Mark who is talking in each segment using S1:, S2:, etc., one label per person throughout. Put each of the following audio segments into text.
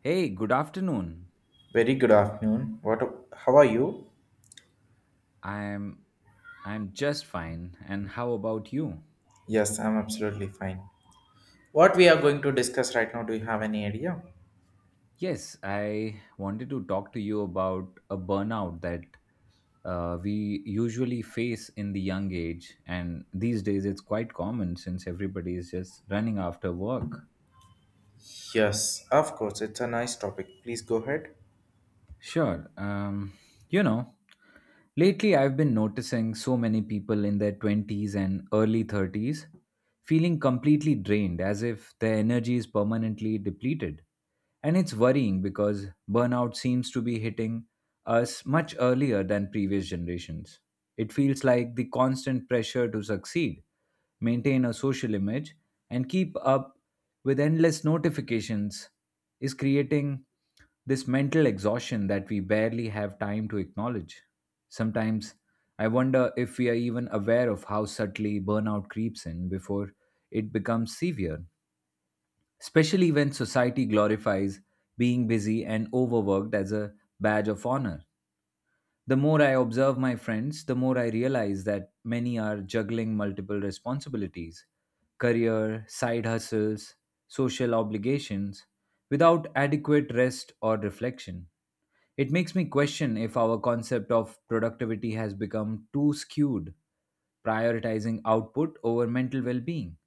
S1: Hey, good afternoon.
S2: Very good afternoon. What? How are you?
S1: I'm I'm just fine. And how about you?
S2: Yes, I'm absolutely fine. What we are going to discuss right now? Do you have any idea?
S1: Yes, I wanted to talk to you about a burnout that we usually face in the young age, and these days it's quite common since everybody is just running after work.
S2: Yes, of course. It's a nice topic. Please go ahead.
S1: Sure. You know, lately I've been noticing so many people in their 20s and early 30s feeling completely drained as if their energy is permanently depleted. And it's worrying because burnout seems to be hitting us much earlier than previous generations. It feels like the constant pressure to succeed, maintain a social image, and keep up with endless notifications is creating this mental exhaustion that we barely have time to acknowledge. Sometimes I wonder if we are even aware of how subtly burnout creeps in before it becomes severe, especially when society glorifies being busy and overworked as a badge of honor. The more I observe my friends, the more I realize that many are juggling multiple responsibilities: career, side hustles, social obligations, without adequate rest or reflection. It makes me question if our concept of productivity has become too skewed, prioritizing output over mental well being.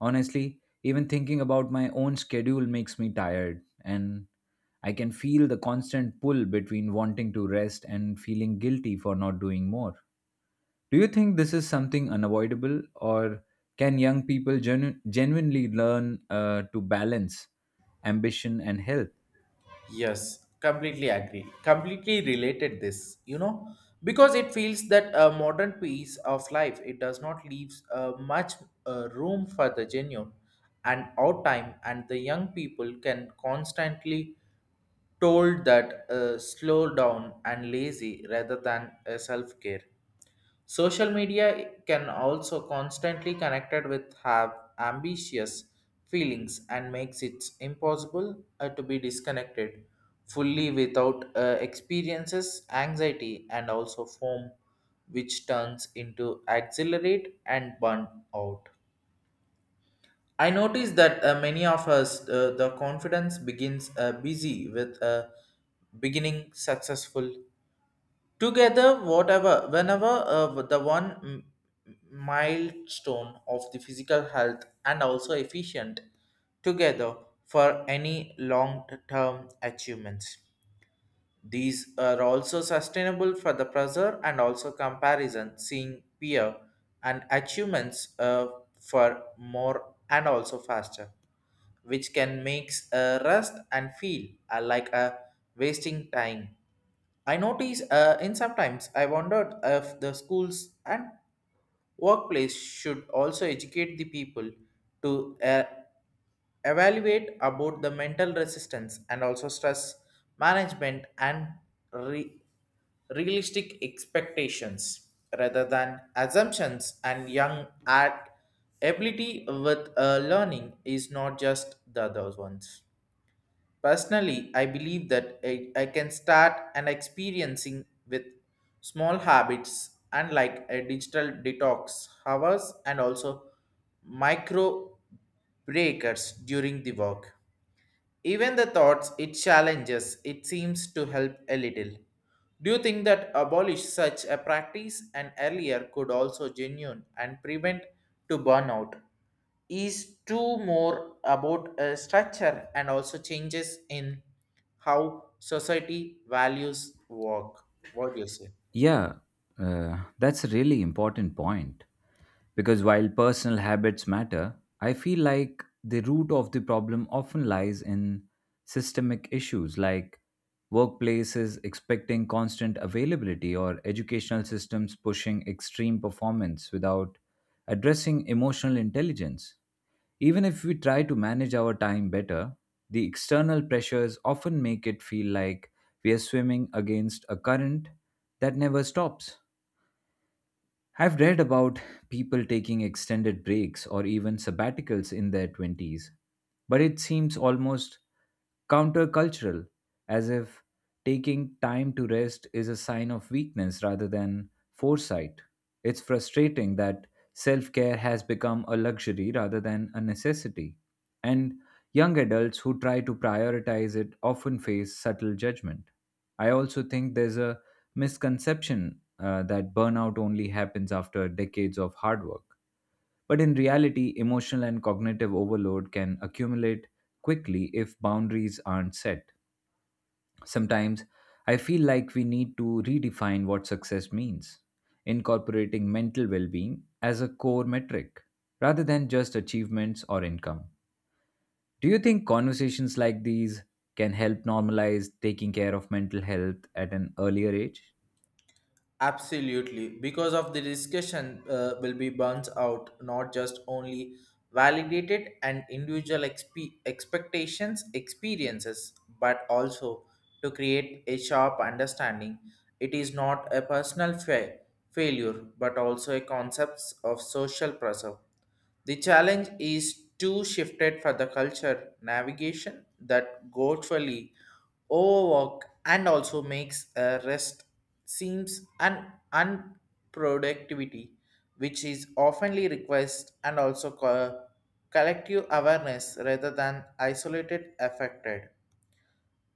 S1: Honestly, even thinking about my own schedule makes me tired, and I can feel the constant pull between wanting to rest and feeling guilty for not doing more. Do you think this is something unavoidable, or can young people genuinely learn to balance ambition and health?
S2: Yes, completely agree. Completely related this, you know, because it feels that a modern piece of life it does not leave much room for the genuine and out time, and the young people can constantly told that slow down and lazy rather than self care. Social media can also constantly connected with have ambitious feelings and makes it impossible to be disconnected fully without experiences anxiety and also form which turns into accelerate and burn out. I notice that many of us the confidence begins busy with a beginning successful together whatever whenever the one milestone of the physical health and also efficient together for any long term achievements, these are also sustainable for the pressure and also comparison seeing peer and achievements for more and also faster which can make a rest and feel like a wasting time. I notice in sometimes I wondered if the schools and workplace should also educate the people to evaluate about the mental resistance and also stress management and re- realistic expectations rather than assumptions and young at ability with learning is not just the other ones. Personally, I believe that I can start an experiencing with small habits and like a digital detox hours and also micro breakers during the work. Even the thoughts it challenges, it seems to help a little. Do you think that abolish such a practice and earlier could also genuine and prevent to burnout? Is too more about a structure and also changes in how society values work. What do you say?
S1: Yeah, that's a really important point because while personal habits matter, I feel like the root of the problem often lies in systemic issues like workplaces expecting constant availability or educational systems pushing extreme performance without addressing emotional intelligence. Even if we try to manage our time better, the external pressures often make it feel like we are swimming against a current that never stops. I've read about people taking extended breaks or even sabbaticals in their 20s, but it seems almost countercultural, as if taking time to rest is a sign of weakness rather than foresight. It's frustrating that self care has become a luxury rather than a necessity, and young adults who try to prioritize it often face subtle judgment. I also think there's a misconception that burnout only happens after decades of hard work. But in reality, emotional and cognitive overload can accumulate quickly if boundaries aren't set. Sometimes I feel like we need to redefine what success means, incorporating mental well being as a core metric rather than just achievements or income. Do you think conversations like these can help normalize taking care of mental health at an earlier age?
S2: Absolutely, because of the discussion will be burnt out, not just only validated and individual expectations, experiences, but also to create a sharp understanding. It is not a personal failure, but also a concepts of social pressure. The challenge is too shifted for the culture navigation that virtually overwork and also makes a rest seems an unproductivity, which is oftenly request and also collective awareness rather than isolated affected,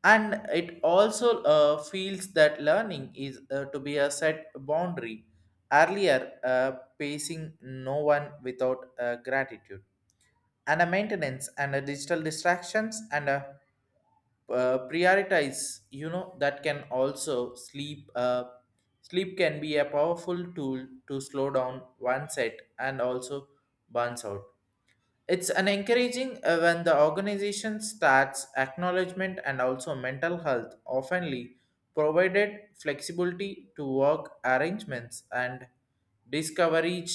S2: and it also feels that learning is to be a set boundary earlier, pacing no one without gratitude and a maintenance and a digital distractions and a prioritize you know that can also sleep, sleep can be a powerful tool to slow down one set and also burns out. It's an encouraging when the organization starts acknowledgement and also mental health, oftenly provided flexibility to work arrangements and discovery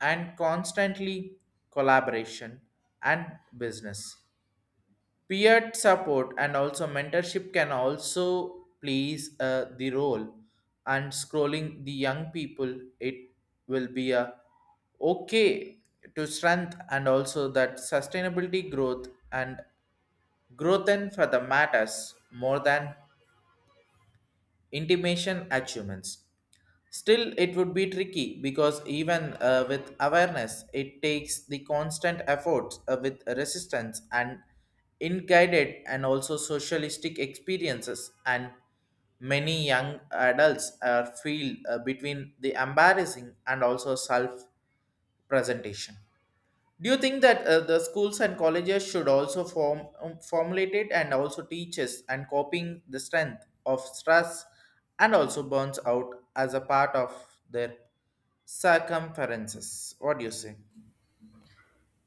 S2: and constantly collaboration and business peer support and also mentorship can also plays the role and scrolling the young people it will be a okay to strength and also that sustainability growth and growth and for the matters more than intimation achievements. Still, it would be tricky because even with awareness, it takes the constant efforts with resistance and in and also socialistic experiences. And many young adults are feel between the embarrassing and also self presentation. Do you think that the schools and colleges should also form formulate it and also teaches and copying the strength of stress and also burns out as a part of their circumferences? What do you say?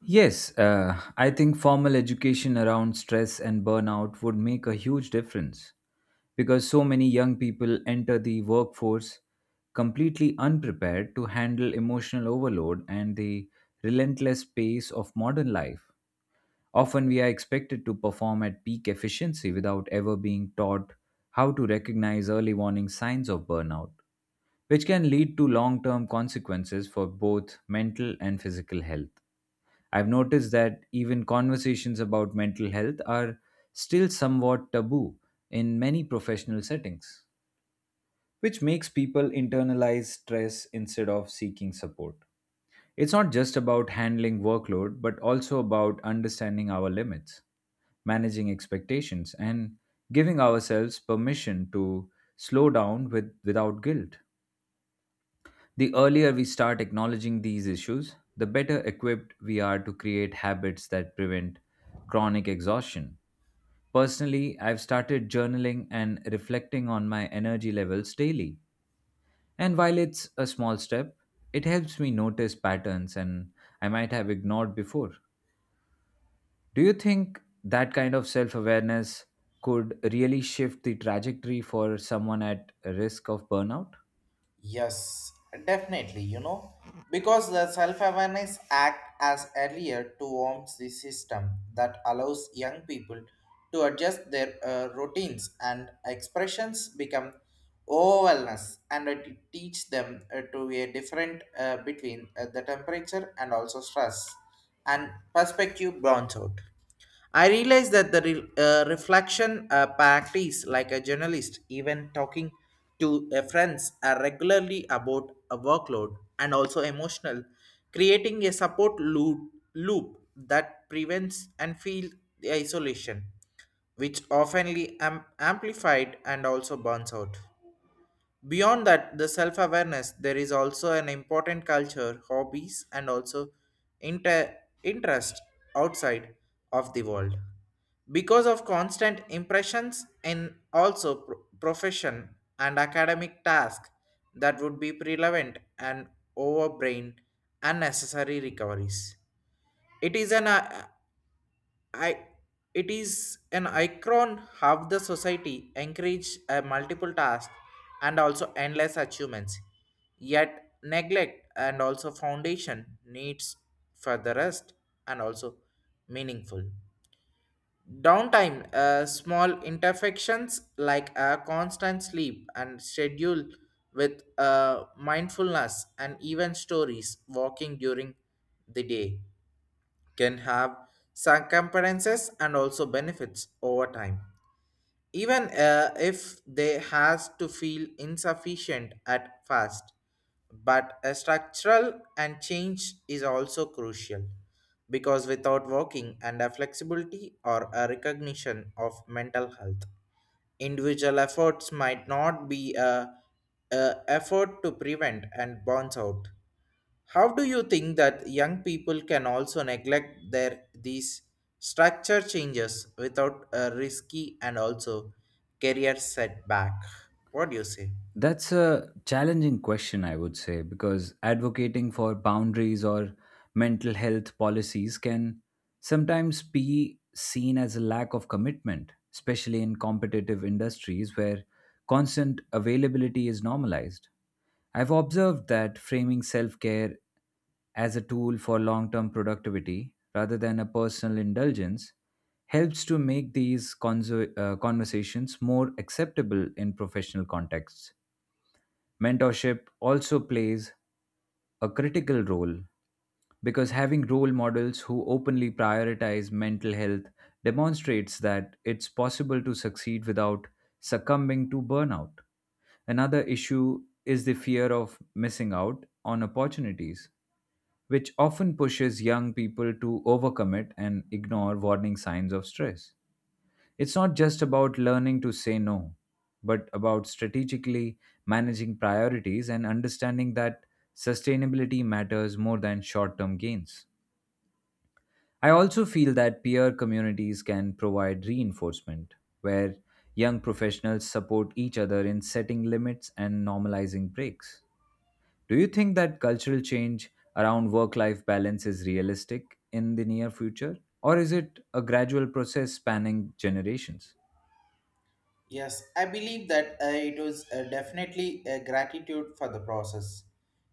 S1: Yes, I think formal education around stress and burnout would make a huge difference because so many young people enter the workforce completely unprepared to handle emotional overload and the relentless pace of modern life. Often we are expected to perform at peak efficiency without ever being taught how to recognize early warning signs of burnout, which can lead to long term consequences for both mental and physical health. I've noticed that even conversations about mental health are still somewhat taboo in many professional settings, which makes people internalize stress instead of seeking support. It's not just about handling workload, but also about understanding our limits, managing expectations, and giving ourselves permission to slow down without guilt. The earlier we start acknowledging these issues, the better equipped we are to create habits that prevent chronic exhaustion. Personally, I've started journaling and reflecting on my energy levels daily. And while it's a small step, it helps me notice patterns and I might have ignored before. Do you think that kind of self awareness could really shift the trajectory for someone at risk of burnout?
S2: Yes, definitely, you know, because the self awareness act as a layer to warm the system that allows young people to adjust their routines and expressions become awareness and it teach them to be a different between the temperature and also stress and perspective burns out. I realize that the reflection practice, like a journalist, even talking to friends are regularly about a workload and also emotional, creating a support loop that prevents and feel the isolation, which oftenly amplified and also burns out. Beyond that, the self awareness, there is also an important culture, hobbies, and also inter- interest outside of the world. Because of constant impressions and also profession and academic task that would be prevalent and overbrain unnecessary recoveries. It is an I it is an icon how the society encourage a multiple tasks and also endless achievements, yet neglect and also foundation needs for the rest and also meaningful. Downtime, small imperfections like a constant sleep and schedule with mindfulness and even stories walking during the day can have circumferences and also benefits over time even if they has to feel insufficient at first, but a structural and change is also crucial because without working and a flexibility or a recognition of mental health individual efforts might not be a effort to prevent and bounce out. How do you think that young people can also neglect their these structure changes without a risky and also career setback? What do you say?
S1: That's a challenging question, I would say, because advocating for boundaries or mental health policies can sometimes be seen as a lack of commitment, especially in competitive industries where constant availability is normalized. I've observed that framing self care as a tool for long term productivity rather than a personal indulgence helps to make these conversations more acceptable in professional contexts. Mentorship also plays a critical role because having role models who openly prioritize mental health demonstrates that it's possible to succeed without succumbing to burnout. Another issue is the fear of missing out on opportunities, which often pushes young people to overcommit and ignore warning signs of stress. It's not just about learning to say no, but about strategically managing priorities and understanding that sustainability matters more than short term gains. I also feel that peer communities can provide reinforcement where young professionals support each other in setting limits and normalizing breaks. Do you think that cultural change around work life balance is realistic in the near future? Or is it a gradual process spanning generations?
S2: Yes, I believe that it was definitely a gratitude for the process.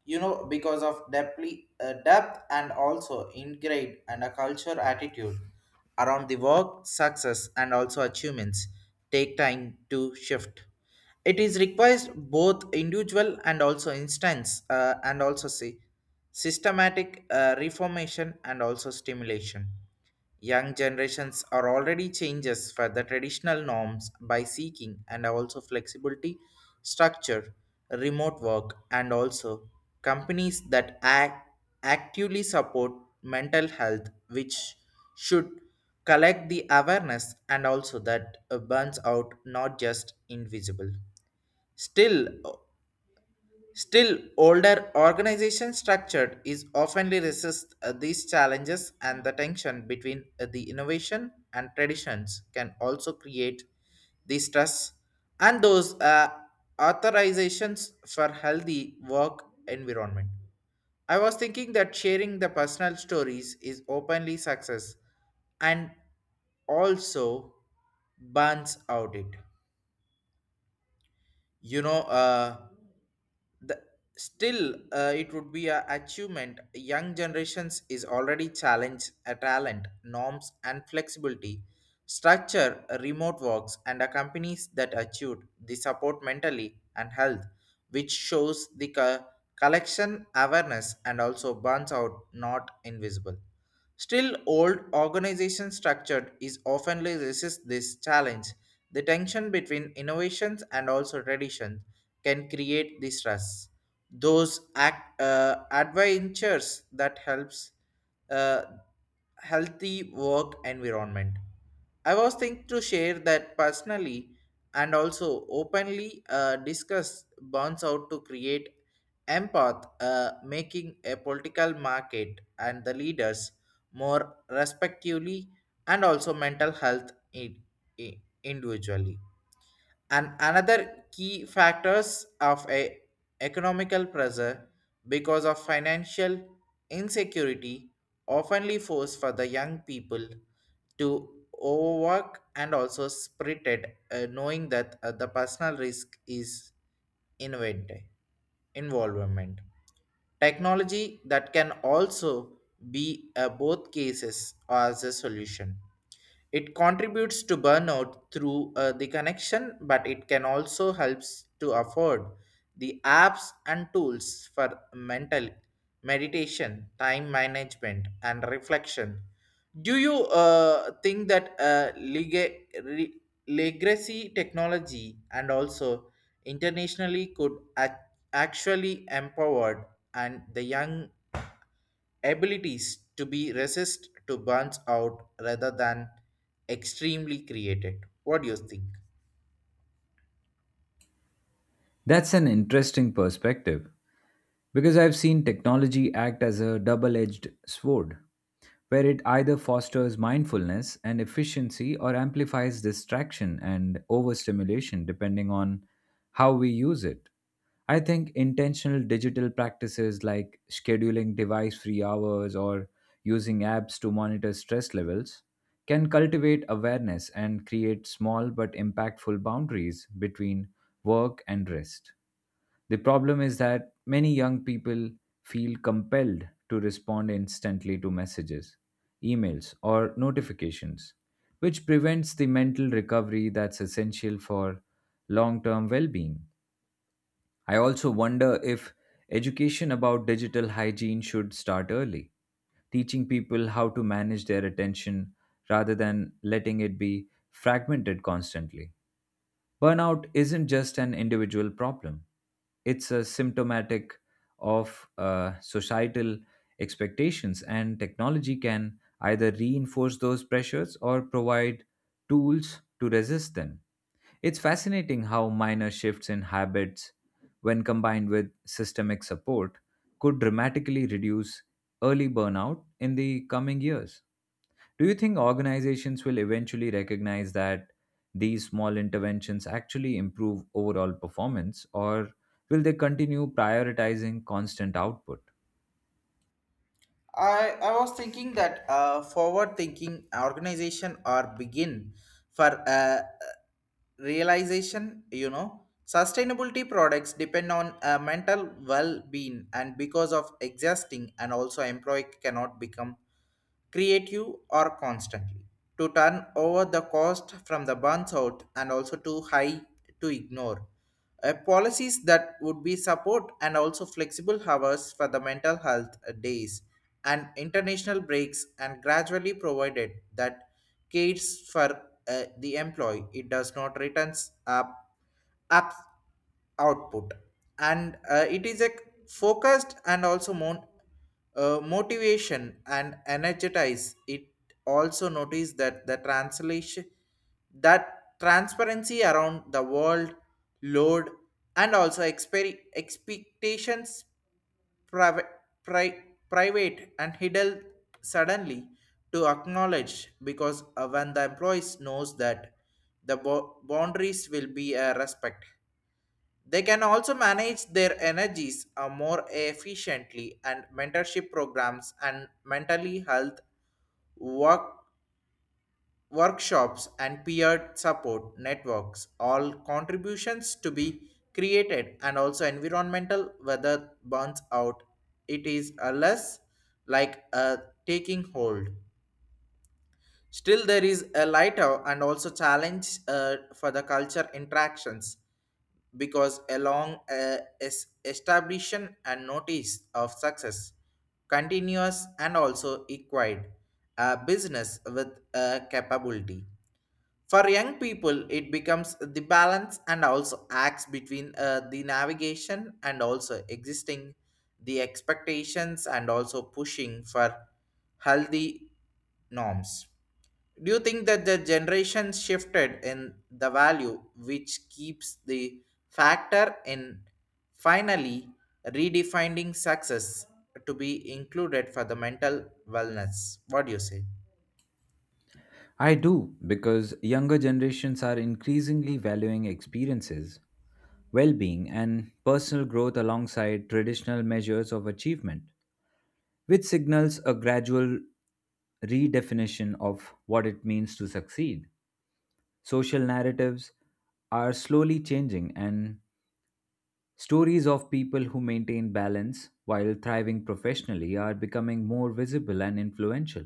S2: You know, because of depthly, depth and also ingrained and a culture attitude around the work, success, and also achievements take time to shift. It is requires both individual and also instance and also see systematic reformation and also stimulation. Young generations are already changes for the traditional norms by seeking and also flexibility, structure, remote work, and also companies that actively support mental health, which should collect the awareness and also that burns out not just invisible. Still, Still, older organization structure is often resist these challenges and the tension between the innovation and traditions can also create the stress and those authorizations for healthy work environment. I was thinking that sharing the personal stories is openly success and also burns out it. You know, the still it would be a achievement. Young generations is already challenged a talent norms and flexibility structure remote works and a companies that achieved the support mentally and health which shows the collection awareness and also burns out not invisible. Still, old organization structure is often resist this challenge. The tension between innovations and also tradition can create the stress. Those adventures that helps uh, healthy work environment. I was thinking to share that personally and also openly discuss burns out to create empath, making a political market and the leaders more respectively and also mental health in, individually and another key factors of a economical pressure because of financial insecurity oftenly force for the young people to overwork and also spirited knowing that the personal risk is invented involvement. Technology that can also be a both cases as a solution, it contributes to burnout through the connection, but it can also helps to afford the apps and tools for mental meditation, time management, and reflection. Do you think that re- legacy technology and also internationally could ac- actually empower and the young abilities to be resist to burns out rather than extremely created. What do you think?
S1: That's an interesting perspective because I've seen technology act as a double edged sword, where it either fosters mindfulness and efficiency or amplifies distraction and overstimulation depending on how we use it. I think intentional digital practices like scheduling device free hours or using apps to monitor stress levels can cultivate awareness and create small but impactful boundaries between work and rest. The problem is that many young people feel compelled to respond instantly to messages, emails, or notifications, which prevents the mental recovery that's essential for long term well being. I also wonder if education about digital hygiene should start early, teaching people how to manage their attention rather than letting it be fragmented constantly. Burnout isn't just an individual problem, it's a symptomatic of societal expectations, and technology can either reinforce those pressures or provide tools to resist them. It's fascinating how minor shifts in habits, when combined with systemic support, could dramatically reduce early burnout in the coming years. Do you think organizations will eventually recognize that these small interventions actually improve overall performance, or will they continue prioritizing constant output?
S2: I was thinking that forward thinking organization or begin for realization, you know, sustainability products depend on mental well-being and because of exhausting and also employee cannot become creative or constantly to turn over the cost from the burns out and also too high to ignore policies that would be support and also flexible hours for the mental health days and international breaks and gradually provided that cares for the employee it does not returns up apps output. And it is a focused and also motivation and energize it. Also notice that the translation that transparency around the world load and also expectations private private and hidden suddenly to acknowledge because when the employees knows that the boundaries will be respect they can also manage their energies more efficiently and mentorship programs and mentally health work, workshops and peer support networks all contributions to be created and also environmental weather burns out, it is a less like a taking hold. Still there is a lighter and also challenge for the culture interactions because along establishment and notice of success continuous and also acquired a business with a capability for young people it becomes the balance and also acts between the navigation and also existing the expectations and also pushing for healthy norms. Do you think that the generation shifted in the value which keeps the factor in finally redefining success to be included for the mental wellness? What do you say?
S1: I do, because younger generations are increasingly valuing experiences, well being, and personal growth alongside traditional measures of achievement, which signals a gradual redefinition of what it means to succeed. Social narratives are slowly changing, and stories of people who maintain balance while thriving professionally are becoming more visible and influential.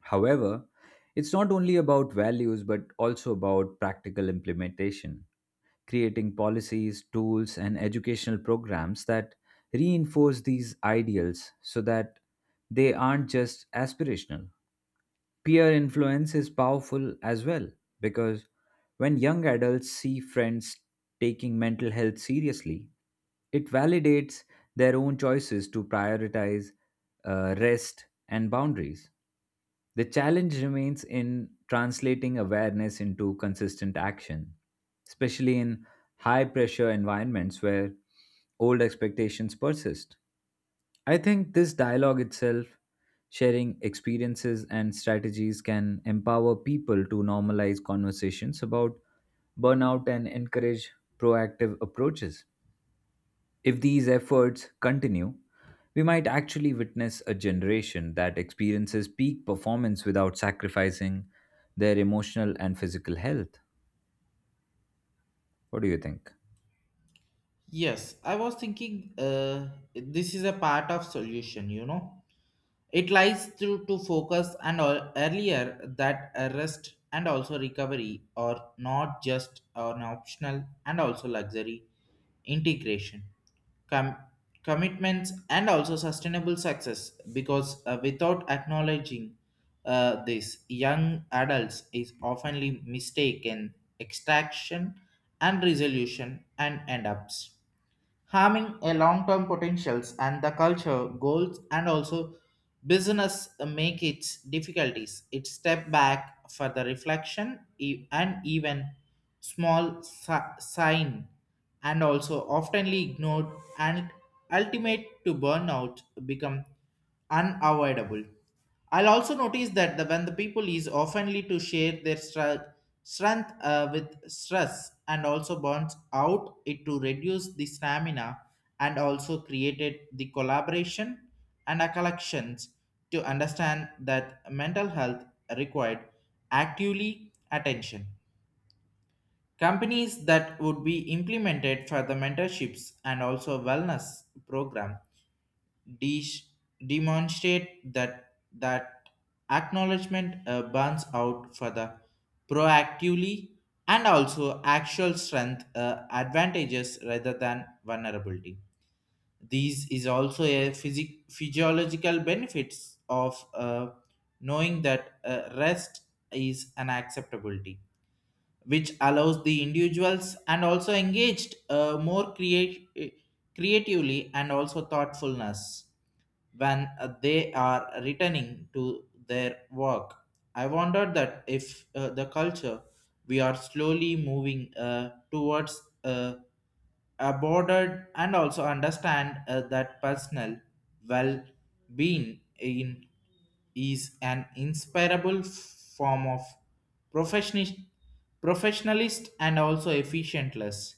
S1: However, it's not only about values but also about practical implementation, creating policies, tools, and educational programs that reinforce these ideals so that they aren't just aspirational. Peer influence is powerful as well because when young adults see friends taking mental health seriously, it validates their own choices to prioritize rest and boundaries. The challenge remains in translating awareness into consistent action, especially in high pressure environments where old expectations persist. I think this dialogue itself, sharing experiences and strategies, can empower people to normalize conversations about burnout and encourage proactive approaches. If these efforts continue, we might actually witness a generation that experiences peak performance without sacrificing their emotional and physical health. What do you think?
S2: Yes, I was thinking this is a part of solution, you know. It lies through to focus and all earlier that a rest and also recovery are not just an optional and also luxury integration. Com- commitments and also sustainable success because without acknowledging this young adults is oftenly mistaken extraction and resolution and end ups harming a long-term potentials and the culture goals and also business make its difficulties. It step back for the reflection and even small sign and also oftenly ignored and ultimate to burnout become unavoidable. I'll also notice when the people is oftenly to share their strength with stress and also burns out it to reduce the stamina and also created the collaboration and a collections to understand that mental health required actively attention. Companies that would be implemented for the mentorships and also wellness program de- demonstrate that acknowledgement burns out for the proactively and also actual strength advantages rather than vulnerability. These is also a physiological benefits of knowing that rest is an acceptability, which allows the individuals and also engaged more creatively and also thoughtfulness when they are returning to their work. I wondered that if the culture we are slowly moving towards. Aborted and also understand that personal well-being in is an inspirable form of professionist, professionalist and also efficientless.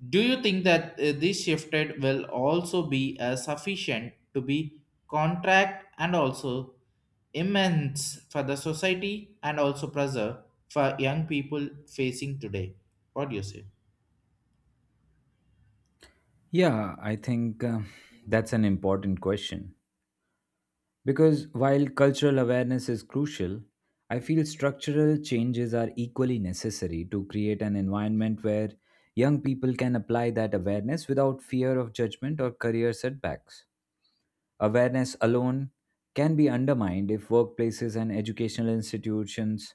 S2: Do you think that this shifted will also be sufficient to be contract and also immense for the society and also pressure for young people facing today? What do you say?
S1: Yeah, I think that's an important question. Because while cultural awareness is crucial, I feel structural changes are equally necessary to create an environment where young people can apply that awareness without fear of judgment or career setbacks. Awareness alone can be undermined if workplaces and educational institutions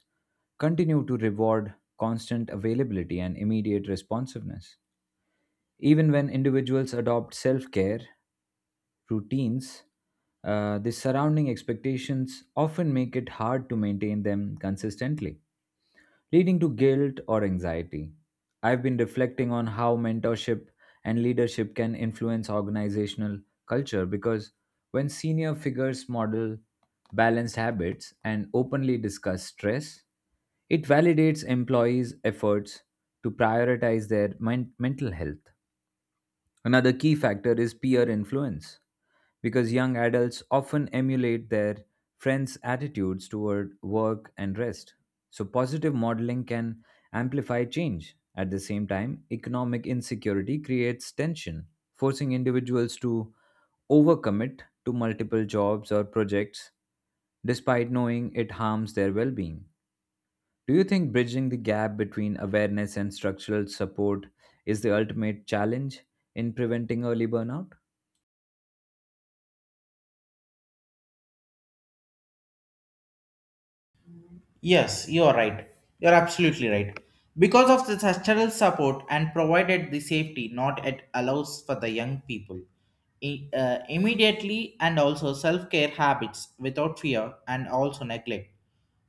S1: continue to reward constant availability and immediate responsiveness. Even when individuals adopt self care routines, the surrounding expectations often make it hard to maintain them consistently leading to guilt or anxiety. I've been reflecting on how mentorship and leadership can influence organizational culture because when senior figures model balanced habits and openly discuss stress, it validates employees' efforts to prioritize their mental health. Another key factor is peer influence, because young adults often emulate their friends' attitudes toward work and rest. So, positive modeling can amplify change. At the same time, economic insecurity creates tension, forcing individuals to overcommit to multiple jobs or projects despite knowing it harms their well being. Do you think bridging the gap between awareness and structural support is the ultimate challenge in preventing early burnout?
S2: Yes, you are right. You are absolutely right. Because of the structural support and provided the safety, not it allows for the young people immediately and also self care habits without fear and also neglect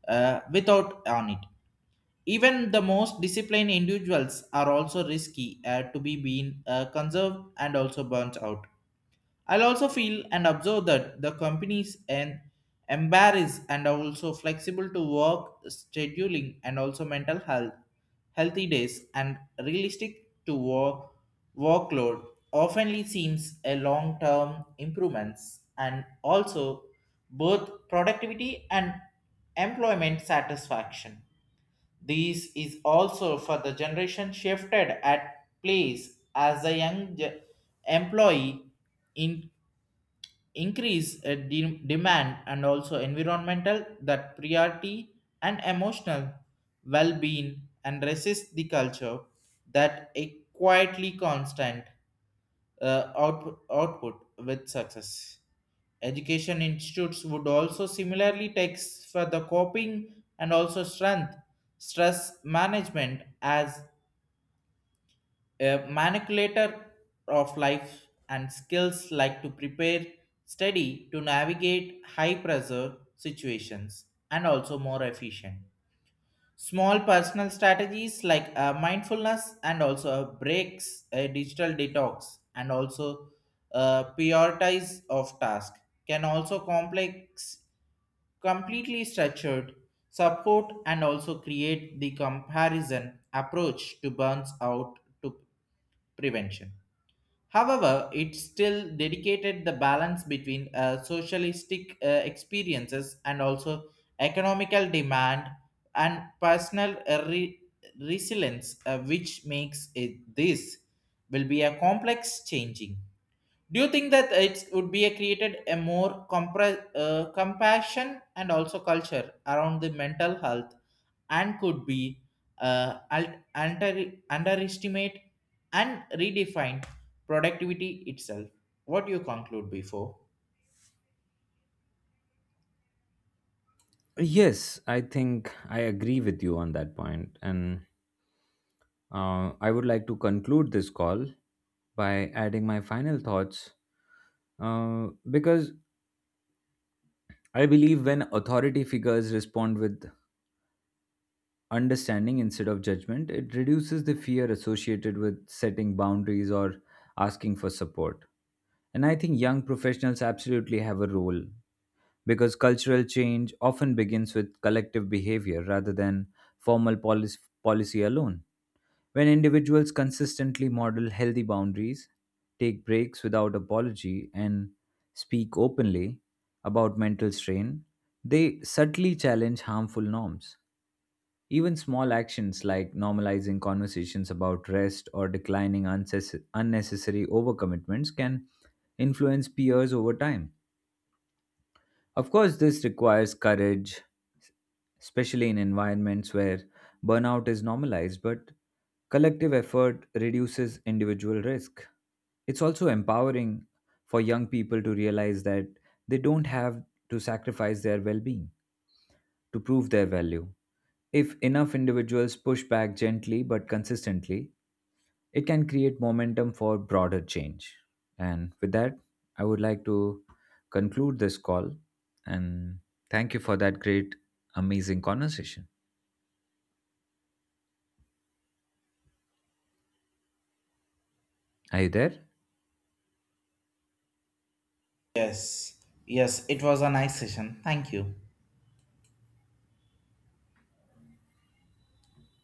S2: without on it. Even the most disciplined individuals are also risky to be being conserved and also burnt out. I'll also feel and observe that the companies and embarrass and are also flexible to work scheduling and also mental health, healthy days and realistic to work workload oftenly seems a long-term improvements and also both productivity and employment satisfaction. This is also for the generation shifted at place as a young employee in increase demand and also environmental that priority and emotional well-being and resist the culture that a quietly constant output, output with success. Education institutes would also similarly takes for the coping and also strength stress management as a manipulator of life and skills like to prepare study to navigate high pressure situations and also more efficient. Small personal strategies like mindfulness and also breaks, a digital detox, and also prioritize of task can also complex completely structured support and also create the comparison approach to burns out to prevention. However, it still dedicated the balance between socialistic experiences and also economical demand and personal resilience, which makes it this will be a complex changing. Do you think that it would be a created a more compassion and also culture around the mental health and could be underestimate and redefine productivity itself. What do you conclude before?
S1: Yes, I think I agree with you on that point. And I would like to conclude this call by adding my final thoughts because I believe when authority figures respond with understanding instead of judgment, it reduces the fear associated with setting boundaries or asking for support. And I think young professionals absolutely have a role because cultural change often begins with collective behavior rather than formal policy alone. When individuals consistently model healthy boundaries, take breaks without apology, and speak openly about mental strain, they subtly challenge harmful norms. Even small actions like normalizing conversations about rest or declining unnecessary overcommitments can influence peers over time. Of course, this requires courage, especially in environments where burnout is normalized, but collective effort reduces individual risk. It's also empowering for young people to realize that they don't have to sacrifice their well being to prove their value. If enough individuals push back gently but consistently, it can create momentum for broader change. And with that, I would like to conclude this call and thank you for that great, amazing conversation. Are you there?
S2: Yes, yes, it was a nice session. Thank you.